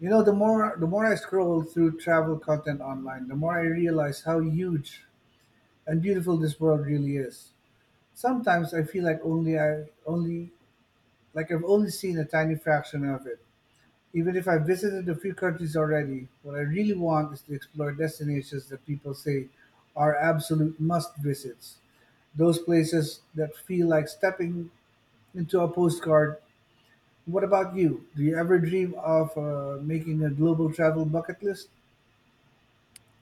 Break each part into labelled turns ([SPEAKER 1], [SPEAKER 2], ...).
[SPEAKER 1] You know, the more I scroll through travel content online, the more I realize how huge and beautiful this world really is. Sometimes I feel like only I only like I've only seen a tiny fraction of it. Even if I visited a few countries already, what I really want is to explore destinations that people say are absolute must visits. Those places that feel like stepping into a postcard. What about you? Do you ever dream of making a global travel bucket list?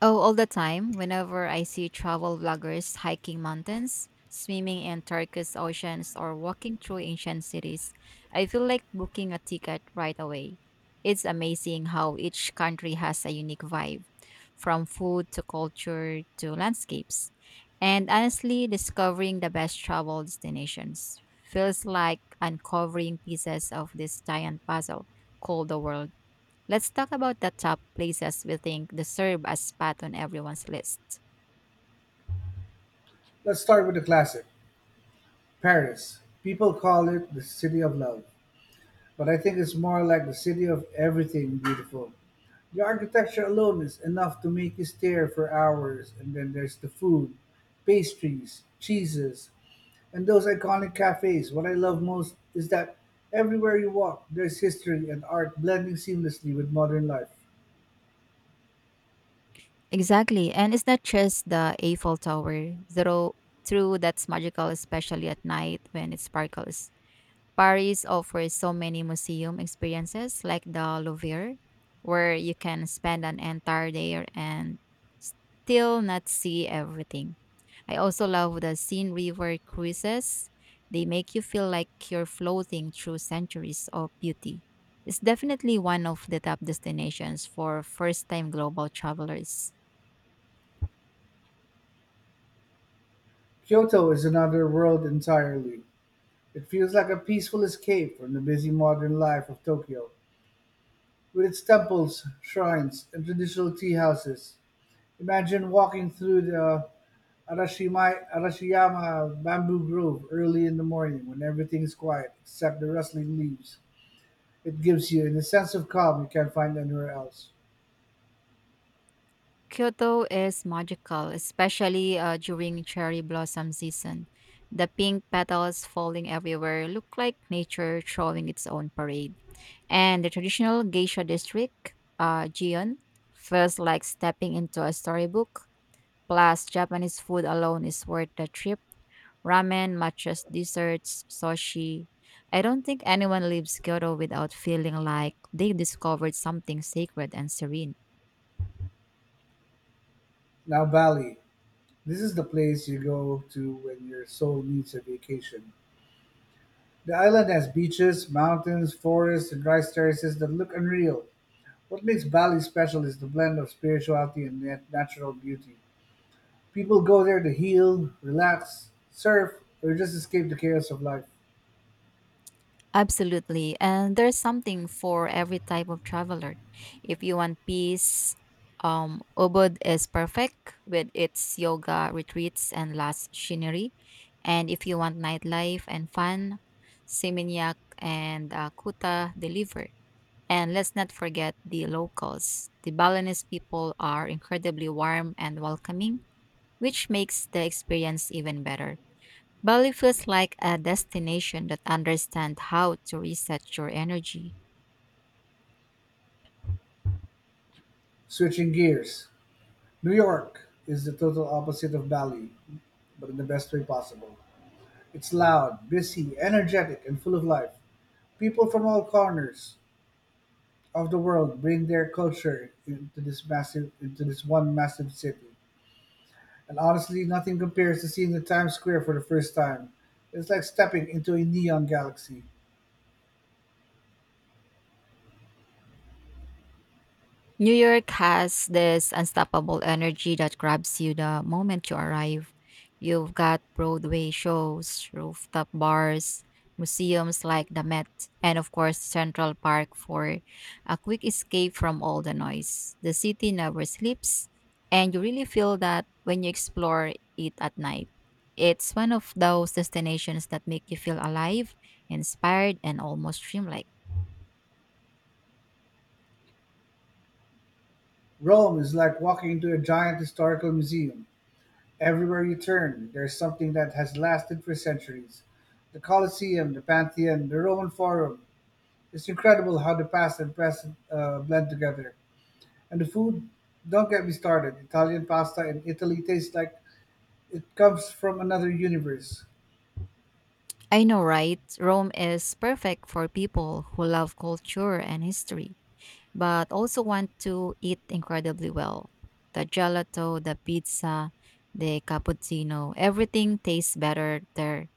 [SPEAKER 2] Oh, all the time. Whenever I see travel vloggers hiking mountains, swimming in turquoise oceans, or walking through ancient cities, I feel like booking a ticket right away. It's amazing how each country has a unique vibe, from food to culture to landscapes. And honestly, discovering the best travel destinations feels like uncovering pieces of this giant puzzle called the world. Let's talk about the top places we think deserve a spot on everyone's list.
[SPEAKER 1] Let's start with the classic Paris. People call it the city of love, but I think it's more like the city of everything beautiful. The architecture alone is enough to make you stare for hours, and then there's the food, pastries, cheeses, and those iconic cafes. What I love most is that everywhere you walk, there's history and art blending seamlessly with modern life.
[SPEAKER 2] Exactly. And it's not just the Eiffel Tower, though true that's magical, especially at night when it sparkles. Paris offers so many museum experiences like the Louvre, where you can spend an entire day and still not see everything. I also love the Seine River cruises. They make you feel like you're floating through centuries of beauty. It's definitely one of the top destinations for first time global travelers.
[SPEAKER 1] Kyoto is another world entirely. It feels like a peaceful escape from the busy modern life of Tokyo. With its temples, shrines, and traditional tea houses, imagine walking through the Arashiyama bamboo grove early in the morning when everything is quiet except the rustling leaves. It gives you a sense of calm you can't find anywhere else.
[SPEAKER 2] Kyoto is magical, especially during cherry blossom season. The pink petals falling everywhere look like nature throwing its own parade. And the traditional geisha district, Gion, feels like stepping into a storybook. Plus, Japanese food alone is worth the trip. Ramen, matchas, desserts, sushi. I don't think anyone leaves Kyoto without feeling like they discovered something sacred and serene.
[SPEAKER 1] Now, Bali. This is the place you go to when your soul needs a vacation. The island has beaches, mountains, forests, and rice terraces that look unreal. What makes Bali special is the blend of spirituality and natural beauty. People go there to heal, relax, surf, or just escape the chaos of life.
[SPEAKER 2] Absolutely. And there's something for every type of traveler. If you want peace, Ubud is perfect with its yoga retreats and lush scenery. And if you want nightlife and fun, Seminyak and Kuta deliver. And let's not forget the locals. The Balinese people are incredibly warm and welcoming, which makes the experience even better. Bali feels like a destination that understands how to reset your energy.
[SPEAKER 1] Switching gears, New York is the total opposite of Bali, but in the best way possible. It's loud, busy, energetic, and full of life. People from all corners of the world bring their culture into this one massive city. And honestly, nothing compares to seeing the Times Square for the first time. It's like stepping into a neon galaxy.
[SPEAKER 2] New York has this unstoppable energy that grabs you the moment you arrive. You've got Broadway shows, rooftop bars, museums like the Met, and of course, Central Park for a quick escape from all the noise. The city never sleeps, and you really feel that when you explore it at night. It's one of those destinations that make you feel alive, inspired, and almost dreamlike.
[SPEAKER 1] Rome is like walking into a giant historical museum. Everywhere you turn, there is something that has lasted for centuries. The Colosseum, the Pantheon, the Roman Forum. It's incredible how the past and present blend together. And the food, don't get me started. Italian pasta in Italy tastes like it comes from another universe.
[SPEAKER 2] I know, right? Rome is perfect for people who love culture and history, but also want to eat incredibly well. The gelato, the pizza, the cappuccino, everything tastes better there.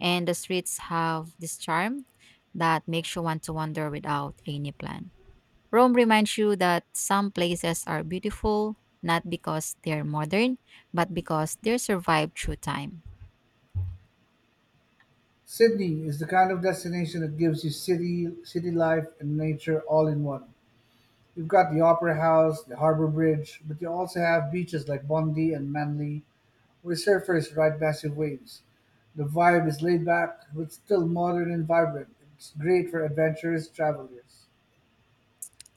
[SPEAKER 2] And the streets have this charm that makes you want to wander without any plan. Rome reminds you that some places are beautiful not because they're modern, but because they survived through time.
[SPEAKER 1] Sydney is the kind of destination that gives you city life and nature all in one. You've got the Opera House, the Harbour Bridge, but you also have beaches like Bondi and Manly. We surfers ride massive waves. The vibe is laid back, but still modern and vibrant. It's great for adventurous travelers.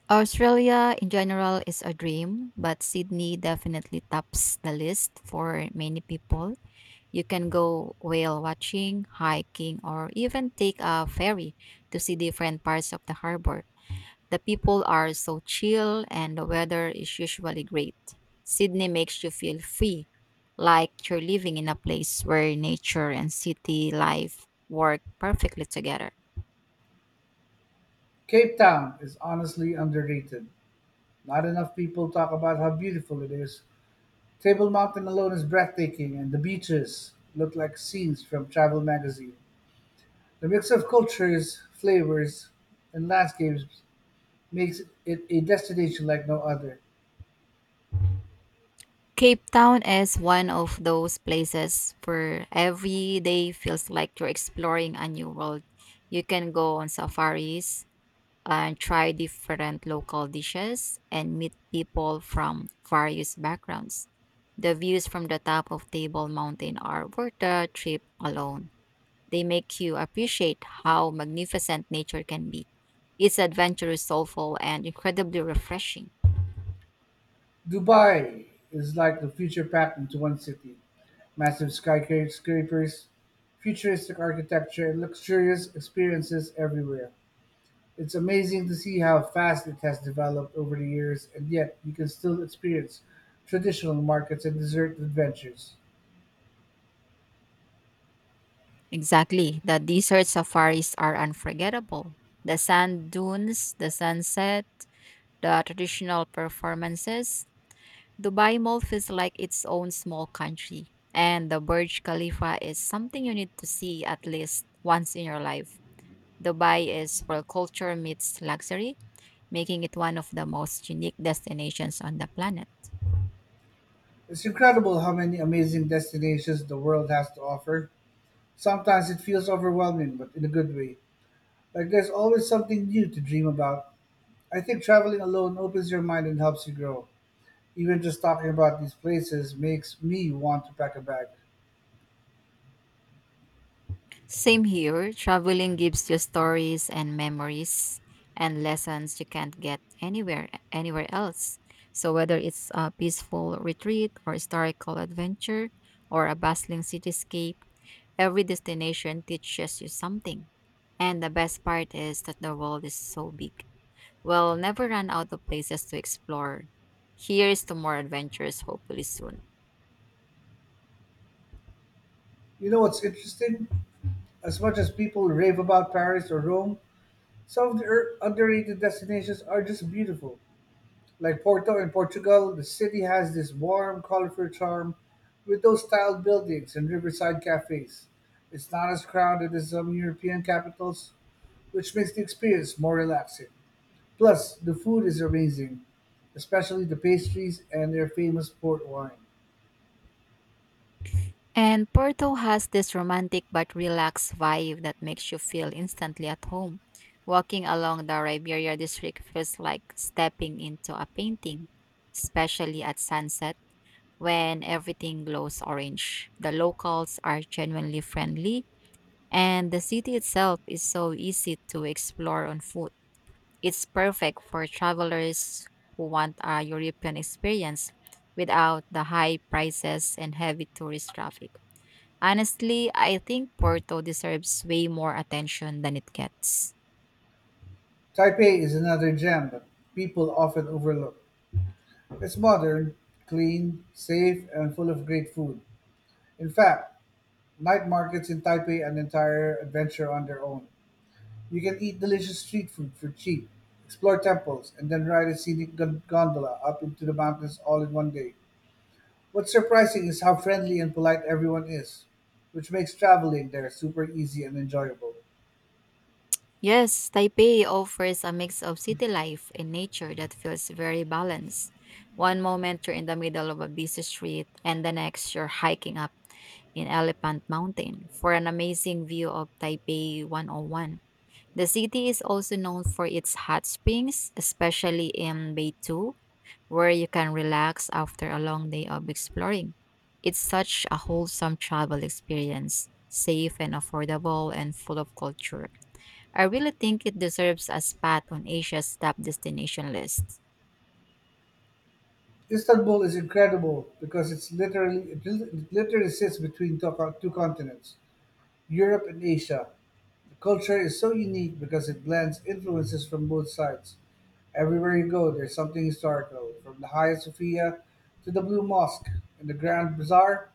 [SPEAKER 2] Australia in general is a dream, but Sydney definitely tops the list for many people. You can go whale watching, hiking, or even take a ferry to see different parts of the harbor. The people are so chill and the weather is usually great. Sydney makes you feel free, like you're living in a place where nature and city life work perfectly together.
[SPEAKER 1] Cape Town is honestly underrated. Not enough people talk about how beautiful it is. Table Mountain alone is breathtaking, and the beaches look like scenes from travel magazine. The mix of cultures, flavors, and landscapes makes it a destination like no other.
[SPEAKER 2] Cape Town is one of those places where every day feels like you're exploring a new world. You can go on safaris and try different local dishes and meet people from various backgrounds. The views from the top of Table Mountain are worth the trip alone. They make you appreciate how magnificent nature can be. It's adventurous, soulful, and incredibly refreshing.
[SPEAKER 1] Dubai is like the future packed into one city. Massive skyscrapers, futuristic architecture, and luxurious experiences everywhere. It's amazing to see how fast it has developed over the years, and yet you can still experience traditional markets and desert adventures.
[SPEAKER 2] Exactly. The desert safaris are unforgettable. The sand dunes, the sunset, the traditional performances. Dubai Mall feels like its own small country. And the Burj Khalifa is something you need to see at least once in your life. Dubai is where culture meets luxury, making it one of the most unique destinations on the planet.
[SPEAKER 1] It's incredible how many amazing destinations the world has to offer. Sometimes it feels overwhelming, but in a good way. Like there's always something new to dream about. I think traveling alone opens your mind and helps you grow. Even just talking about these places makes me want to pack a bag.
[SPEAKER 2] Same here. Traveling gives you stories and memories and lessons you can't get anywhere else. So whether it's a peaceful retreat or historical adventure or a bustling cityscape, every destination teaches you something. And the best part is that the world is so big. We'll never run out of places to explore. Here's to more adventures hopefully soon.
[SPEAKER 1] You know what's interesting? As much as people rave about Paris or Rome, some of the underrated destinations are just beautiful. Like Porto in Portugal, the city has this warm, colorful charm with those tiled buildings and riverside cafes. It's not as crowded as some European capitals, which makes the experience more relaxing. Plus, the food is amazing, especially the pastries and their famous port wine.
[SPEAKER 2] And Porto has this romantic but relaxed vibe that makes you feel instantly at home. Walking along the Riberia district feels like stepping into a painting, especially at sunset when everything glows orange. The locals are genuinely friendly, and the city itself is so easy to explore on foot. It's perfect for travelers who want a European experience without the high prices and heavy tourist traffic. Honestly, I think Porto deserves way more attention than it gets.
[SPEAKER 1] Taipei is another gem that people often overlook. It's modern, clean, safe, and full of great food. In fact, night markets in Taipei are an entire adventure on their own. You can eat delicious street food for cheap, explore temples, and then ride a scenic gondola up into the mountains all in one day. What's surprising is how friendly and polite everyone is, which makes traveling there super easy and enjoyable.
[SPEAKER 2] Yes, Taipei offers a mix of city life and nature that feels very balanced. One moment you're in the middle of a busy street, and the next you're hiking up in Elephant Mountain for an amazing view of Taipei 101. The city is also known for its hot springs, especially in Beitou, where you can relax after a long day of exploring. It's such a wholesome travel experience, safe and affordable and full of culture. I really think it deserves a spot on Asia's top destination list.
[SPEAKER 1] Istanbul is incredible because it literally sits between two continents. Europe and Asia. The culture is so unique because it blends influences from both sides. Everywhere you go, there's something historical, from the Hagia Sophia to the Blue Mosque and the Grand Bazaar.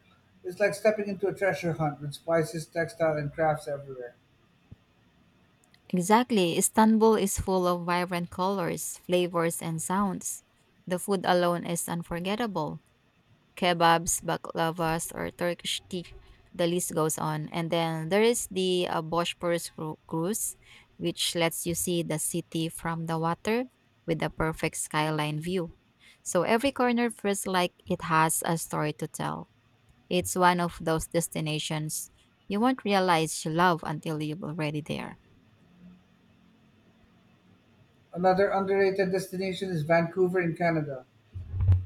[SPEAKER 1] It's like stepping into a treasure hunt with spices, textile, and crafts everywhere.
[SPEAKER 2] Exactly, Istanbul is full of vibrant colors, flavors, and sounds. The food alone is unforgettable kebabs, baklavas, or Turkish tea. The list goes on. And then there is the Bosporus cruise, which lets you see the city from the water with a perfect skyline view. So every corner feels like it has a story to tell. It's one of those destinations you won't realize you love until you're already there.
[SPEAKER 1] Another underrated destination is Vancouver in Canada.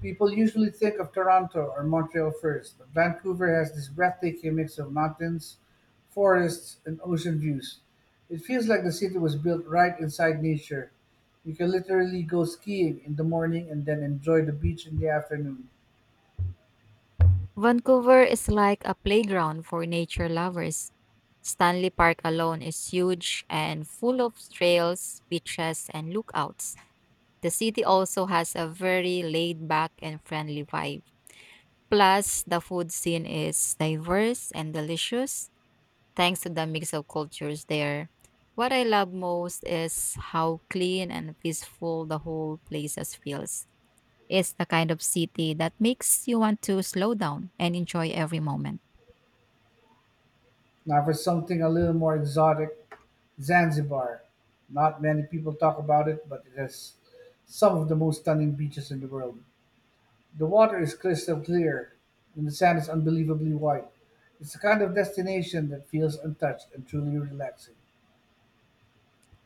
[SPEAKER 1] People usually think of Toronto or Montreal first, but Vancouver has this breathtaking mix of mountains, forests, and ocean views. It feels like the city was built right inside nature. You can literally go skiing in the morning and then enjoy the beach in the afternoon.
[SPEAKER 2] Vancouver is like a playground for nature lovers. Stanley Park alone is huge and full of trails, beaches, and lookouts. The city also has a very laid back and friendly vibe. Plus, the food scene is diverse and delicious thanks to the mix of cultures there. What I love most is how clean and peaceful the whole place as feels. It's the kind of city that makes you want to slow down and enjoy every moment.
[SPEAKER 1] Now, for something a little more exotic, Zanzibar. Not many people talk about it, but it has some of the most stunning beaches in the world. The water is crystal clear and the sand is unbelievably white. It's the kind of destination that feels untouched and truly relaxing.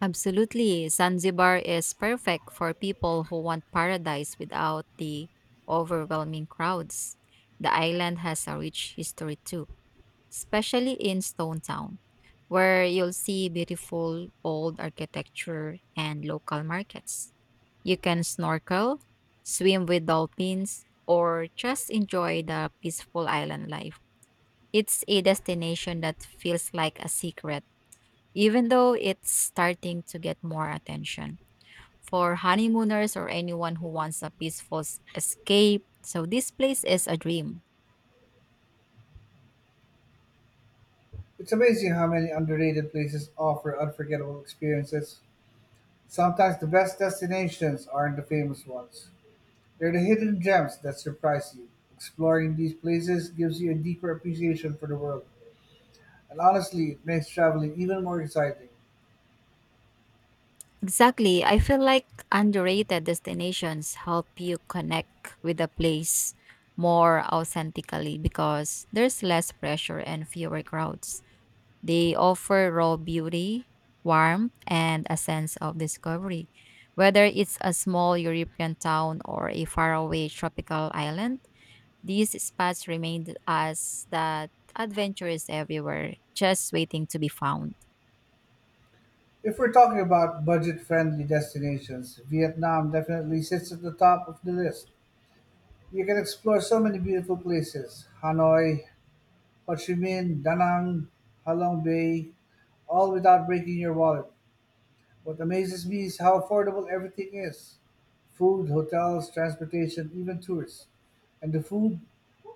[SPEAKER 2] Absolutely. Zanzibar is perfect for people who want paradise without the overwhelming crowds. The island has a rich history too, especially in Stone Town, where you'll see beautiful old architecture and local markets. You can snorkel, swim with dolphins, or just enjoy the peaceful island life. It's a destination that feels like a secret even though it's starting to get more attention for honeymooners or anyone who wants a peaceful escape. So this place is a dream.
[SPEAKER 1] It's amazing how many underrated places offer unforgettable experiences. Sometimes the best destinations aren't the famous ones. They're the hidden gems that surprise you. Exploring these places gives you a deeper appreciation for the world. And honestly, it makes traveling even more exciting.
[SPEAKER 2] Exactly. I feel like underrated destinations help you connect with the place more authentically because there's less pressure and fewer crowds. They offer raw beauty, warmth, and a sense of discovery. Whether it's a small European town or a faraway tropical island, these spots remind us that adventure is everywhere, just waiting to be found.
[SPEAKER 1] If we're talking about budget friendly destinations, Vietnam definitely sits at the top of the list. You can explore so many beautiful places Hanoi, Ho Chi Minh, Da Nang, Halong Bay, all without breaking your wallet. What amazes me is how affordable everything is food, hotels, transportation, even tours. And the food,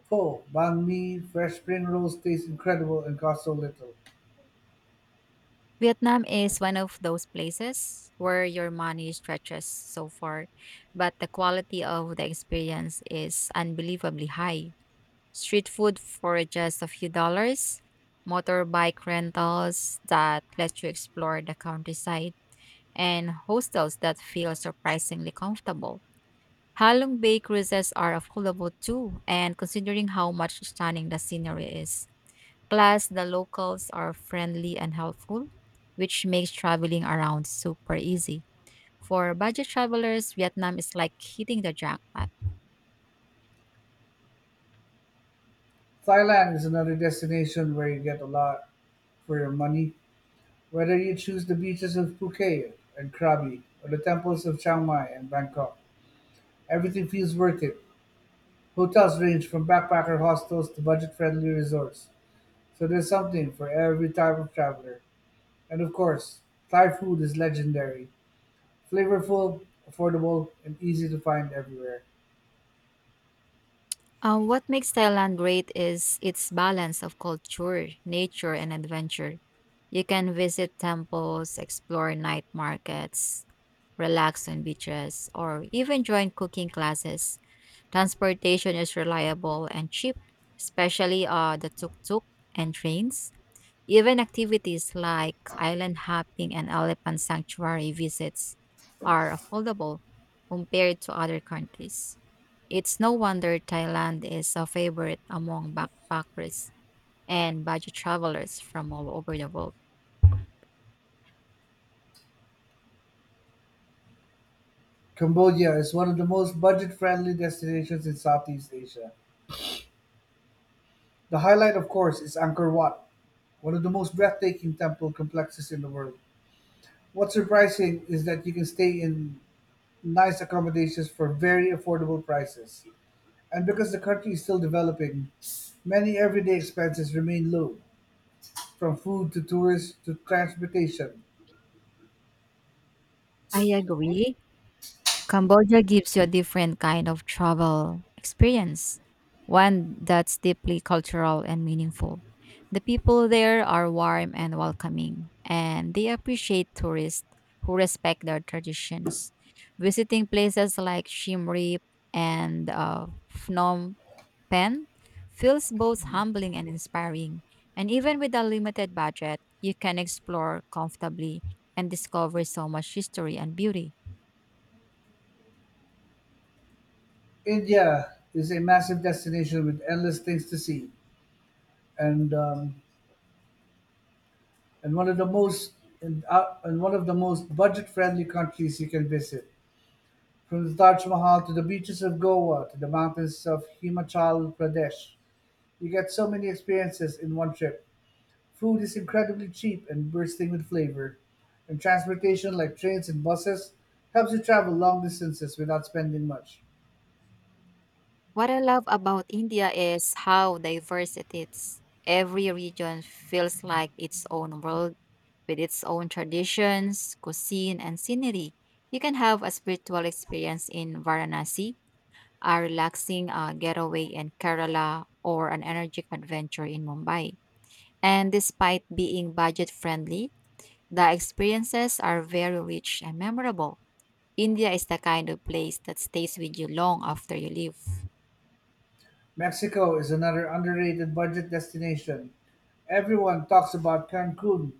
[SPEAKER 1] pho, banh mi, fresh spring rolls taste incredible and cost so little.
[SPEAKER 2] Vietnam is one of those places where your money stretches so far, but the quality of the experience is unbelievably high. Street food for just a few dollars, motorbike rentals that let you explore the countryside, and hostels that feel surprisingly comfortable. Halong Bay cruises are affordable too, and considering how much stunning the scenery is. Plus, the locals are friendly and helpful, which makes traveling around super easy. For budget travelers, Vietnam is like hitting the jackpot.
[SPEAKER 1] Thailand is another destination where you get a lot for your money. Whether you choose the beaches of Phuket and Krabi or the temples of Chiang Mai and Bangkok, everything feels worth it. Hotels range from backpacker hostels to budget-friendly resorts, so there's something for every type of traveler. And of course, Thai food is legendary. Flavorful, affordable, and easy to find everywhere.
[SPEAKER 2] What makes Thailand great is its balance of culture, nature, and adventure. You can visit temples, explore night markets, relax on beaches, or even join cooking classes. Transportation is reliable and cheap, especially the tuk tuk and trains. Even activities like island hopping and elephant sanctuary visits are affordable compared to other countries. It's no wonder Thailand is a favorite among backpackers and budget travelers from all over the world.
[SPEAKER 1] Cambodia is one of the most budget-friendly destinations in Southeast Asia. The highlight, of course, is Angkor Wat, one of the most breathtaking temple complexes in the world. What's surprising is that you can stay in nice accommodations for very affordable prices. And because the country is still developing, many everyday expenses remain low, from food to tourists to transportation.
[SPEAKER 2] I agree. Cambodia gives you a different kind of travel experience, one that's deeply cultural and meaningful. The people there are warm and welcoming, and they appreciate tourists who respect their traditions. Visiting places like Siem Reap and Phnom Penh feels both humbling and inspiring. And even with a limited budget, you can explore comfortably and discover so much history and beauty.
[SPEAKER 1] India is a massive destination with endless things to see, and um, and one of the most and one of the most budget-friendly countries you can visit. From the Taj Mahal to the beaches of Goa to the mountains of Himachal Pradesh, you get so many experiences in one trip. Food is incredibly cheap and bursting with flavor, and transportation like trains and buses helps you travel long distances without spending much.
[SPEAKER 2] What I love about India is how diverse it is. Every region feels like its own world with its own traditions, cuisine, and scenery. You can have a spiritual experience in Varanasi, a relaxing getaway in Kerala, or an energetic adventure in Mumbai. And despite being budget friendly, the experiences are very rich and memorable. India is the kind of place that stays with you long after you leave.
[SPEAKER 1] Mexico is another underrated budget destination. Everyone talks about Cancun,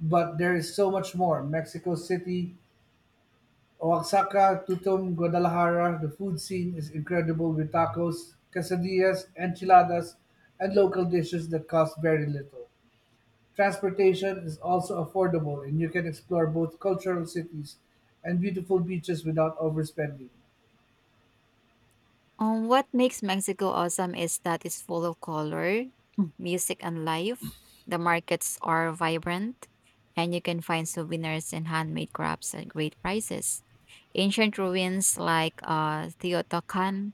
[SPEAKER 1] but there is so much more. Mexico City, Oaxaca, Tutum, Guadalajara, the food scene is incredible with tacos, quesadillas, enchiladas, and local dishes that cost very little. Transportation is also affordable and you can explore both cultural cities and beautiful beaches without overspending.
[SPEAKER 2] What makes Mexico awesome is that it's full of color, Mm. music, and life. The markets are vibrant, and you can find souvenirs and handmade crafts at great prices. Ancient ruins like Teotihuacan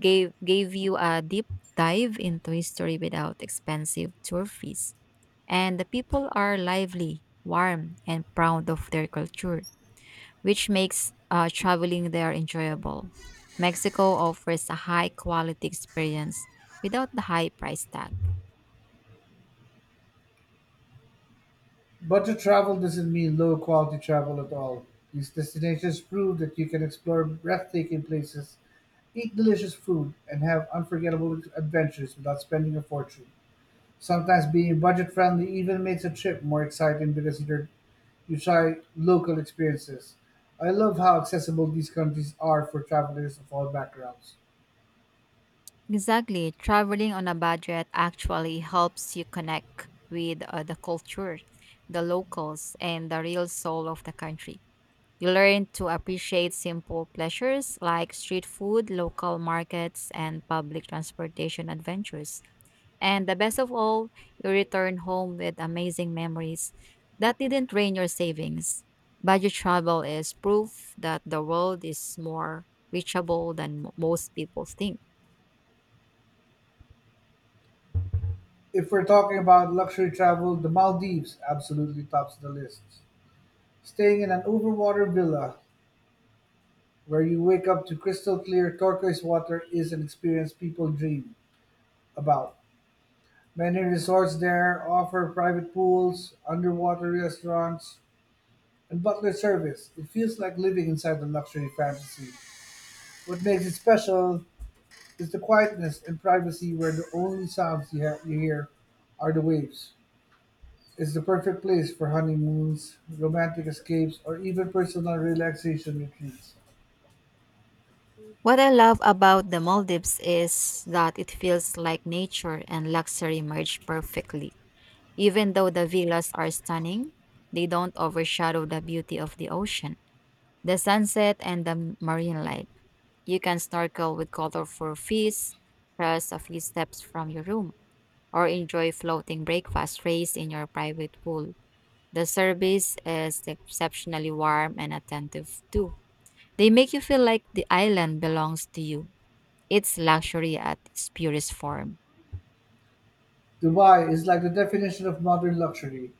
[SPEAKER 2] gave you a deep dive into history without expensive tour fees. And the people are lively, warm, and proud of their culture which makes traveling there enjoyable. Mexico offers a high quality experience without the high price tag.
[SPEAKER 1] Budget travel doesn't mean low quality travel at all. These destinations prove that you can explore breathtaking places, eat delicious food, and have unforgettable adventures without spending a fortune. Sometimes being budget friendly even makes a trip more exciting because you try local experiences. I love how accessible these countries are for travelers of all backgrounds.
[SPEAKER 2] Exactly, traveling on a budget actually helps you connect with the culture, the locals, and the real soul of the country. You learn to appreciate simple pleasures like street food, local markets, and public transportation adventures. And the best of all, you return home with amazing memories that didn't drain your savings. Budget travel is proof that the world is more reachable than most people think.
[SPEAKER 1] If we're talking about luxury travel, the Maldives absolutely tops the list. Staying in an overwater villa where you wake up to crystal clear turquoise water is an experience people dream about. Many resorts there offer private pools, underwater restaurants, and butler service. It feels like living inside the luxury fantasy. What makes it special is the quietness and privacy where the only sounds you hear are the waves. It's the perfect place for honeymoons, romantic escapes, or even personal relaxation retreats.
[SPEAKER 2] What I love about the Maldives is that it feels like nature and luxury merge perfectly. Even though the villas are stunning, they don't overshadow the beauty of the ocean, the sunset, and the marine life. You can snorkel with colorful fish just a few steps from your room, or enjoy floating breakfast trays in your private pool. The service is exceptionally warm and attentive too. They make you feel like the island belongs to you. It's luxury at its purest form.
[SPEAKER 1] Dubai is like the definition of modern luxury.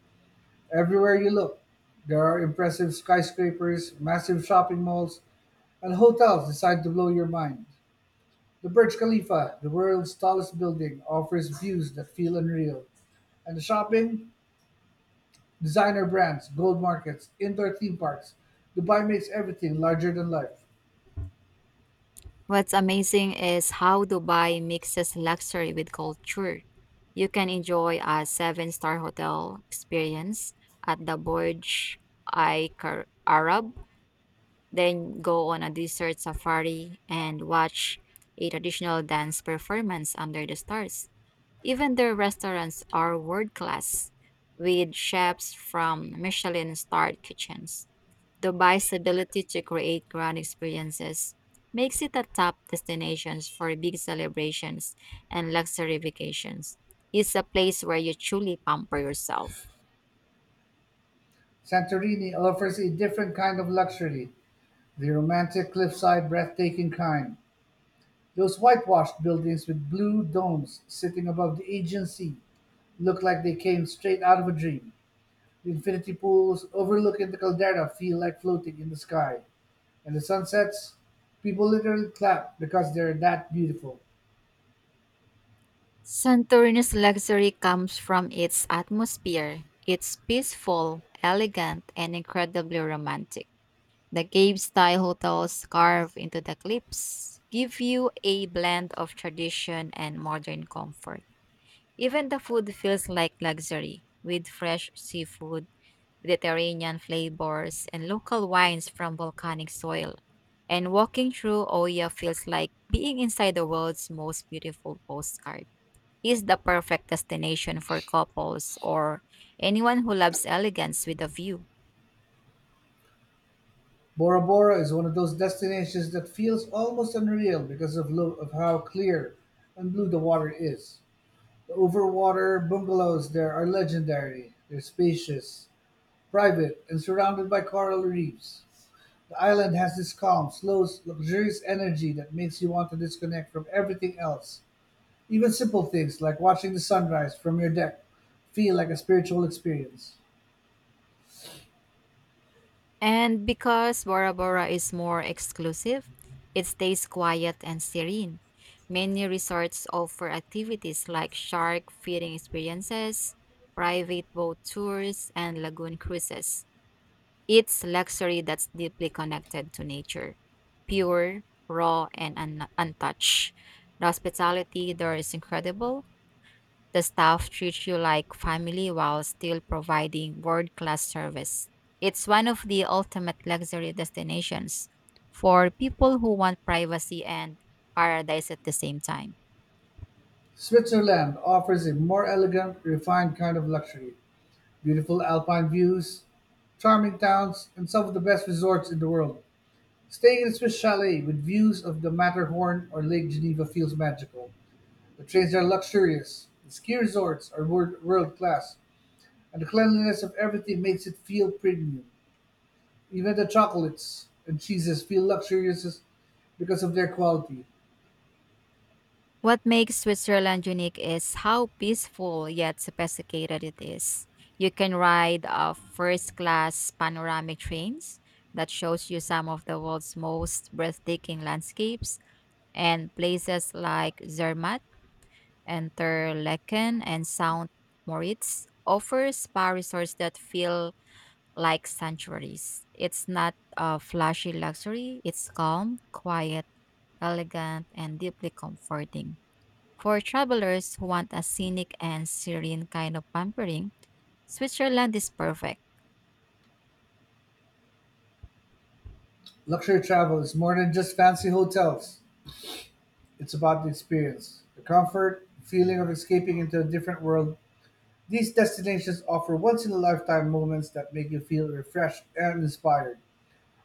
[SPEAKER 1] Everywhere you look, there are impressive skyscrapers, massive shopping malls, and hotels designed to blow your mind. The Burj Khalifa, the world's tallest building, offers views that feel unreal. And the shopping, designer brands, gold markets, indoor theme parks, Dubai makes everything larger than life.
[SPEAKER 2] What's amazing is how Dubai mixes luxury with culture. You can enjoy a 7 star hotel experience at the Burj Al Arab then go on a desert safari and watch a traditional dance performance under the stars. Even their restaurants are world class, with chefs from Michelin starred kitchens. Dubai's ability to create grand experiences makes it a top destination for big celebrations and luxury vacations. It's a place where you truly pamper yourself.
[SPEAKER 1] Santorini offers a different kind of luxury. The romantic cliffside breathtaking kind, those whitewashed buildings with blue domes sitting above the Aegean Sea look like they came straight out of a dream. The infinity pools overlooking the caldera feel like floating in the sky. And the sunsets, people literally clap because they're that beautiful.
[SPEAKER 2] Santorini's luxury comes from its atmosphere. It's peaceful, elegant, and incredibly romantic. The cave style hotels carved into the cliffs give you a blend of tradition and modern comfort. Even the food feels like luxury, with fresh seafood, Mediterranean flavors, and local wines from volcanic soil. And walking through Oya feels like being inside the world's most beautiful postcard is the perfect destination for couples or anyone who loves elegance with a view.
[SPEAKER 1] Bora Bora is one of those destinations that feels almost unreal because of how clear and blue the water is. The overwater bungalows there are legendary. They're spacious, private and surrounded by coral reefs, the island has this calm, slow, luxurious energy that makes you want to disconnect from everything else. Even simple things like watching the sunrise from your deck feel like a spiritual experience.
[SPEAKER 2] And because Bora Bora is more exclusive, it stays quiet and serene. Many resorts offer activities like shark feeding experiences, private boat tours, and lagoon cruises. It's luxury that's deeply connected to nature, pure, raw, and untouched. The hospitality there is incredible, the staff treats you like family while still providing world class service. It's one of the ultimate luxury destinations for people who want privacy and paradise at the same time.
[SPEAKER 1] Switzerland offers a more elegant, refined kind of luxury. Beautiful alpine views, charming towns, and some of the best resorts in the world. Staying in a Swiss chalet with views of the Matterhorn or Lake Geneva feels magical. The trains are luxurious, the ski resorts are world-class, and the cleanliness of everything makes it feel premium. Even the chocolates and cheeses feel luxurious because of their quality.
[SPEAKER 2] What makes Switzerland unique is how peaceful yet sophisticated it is. You can ride first class panoramic trains that shows you some of the world's most breathtaking landscapes and places like Zermatt Interlaken and Saint Moritz offer spa resorts that feel like sanctuaries. It's not a flashy luxury, it's calm, quiet, elegant, and deeply comforting. For travelers who want a scenic and serene kind of pampering, Switzerland is perfect.
[SPEAKER 1] Luxury travel is more than just fancy hotels. It's about the experience, the comfort, the feeling of escaping into a different world. These destinations offer once in a lifetime moments that make you feel refreshed and inspired.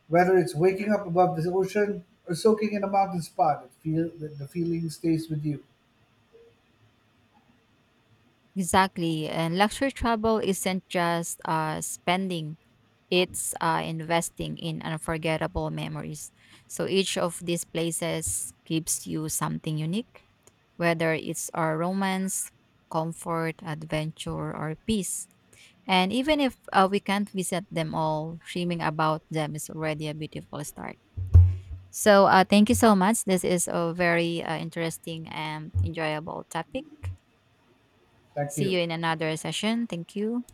[SPEAKER 1] Whether it's waking up above the ocean or soaking in a mountain spot, it feel, the feeling stays with you.
[SPEAKER 2] Exactly, and luxury travel isn't just spending. It's investing in unforgettable memories. So each of these places gives you something unique, whether it's our romance, comfort, adventure, or peace. And even if we can't visit them all, dreaming about them is already a beautiful start. So thank you so much. This is a very interesting and enjoyable topic.
[SPEAKER 1] Thank
[SPEAKER 2] See you
[SPEAKER 1] you.
[SPEAKER 2] in another session. Thank you.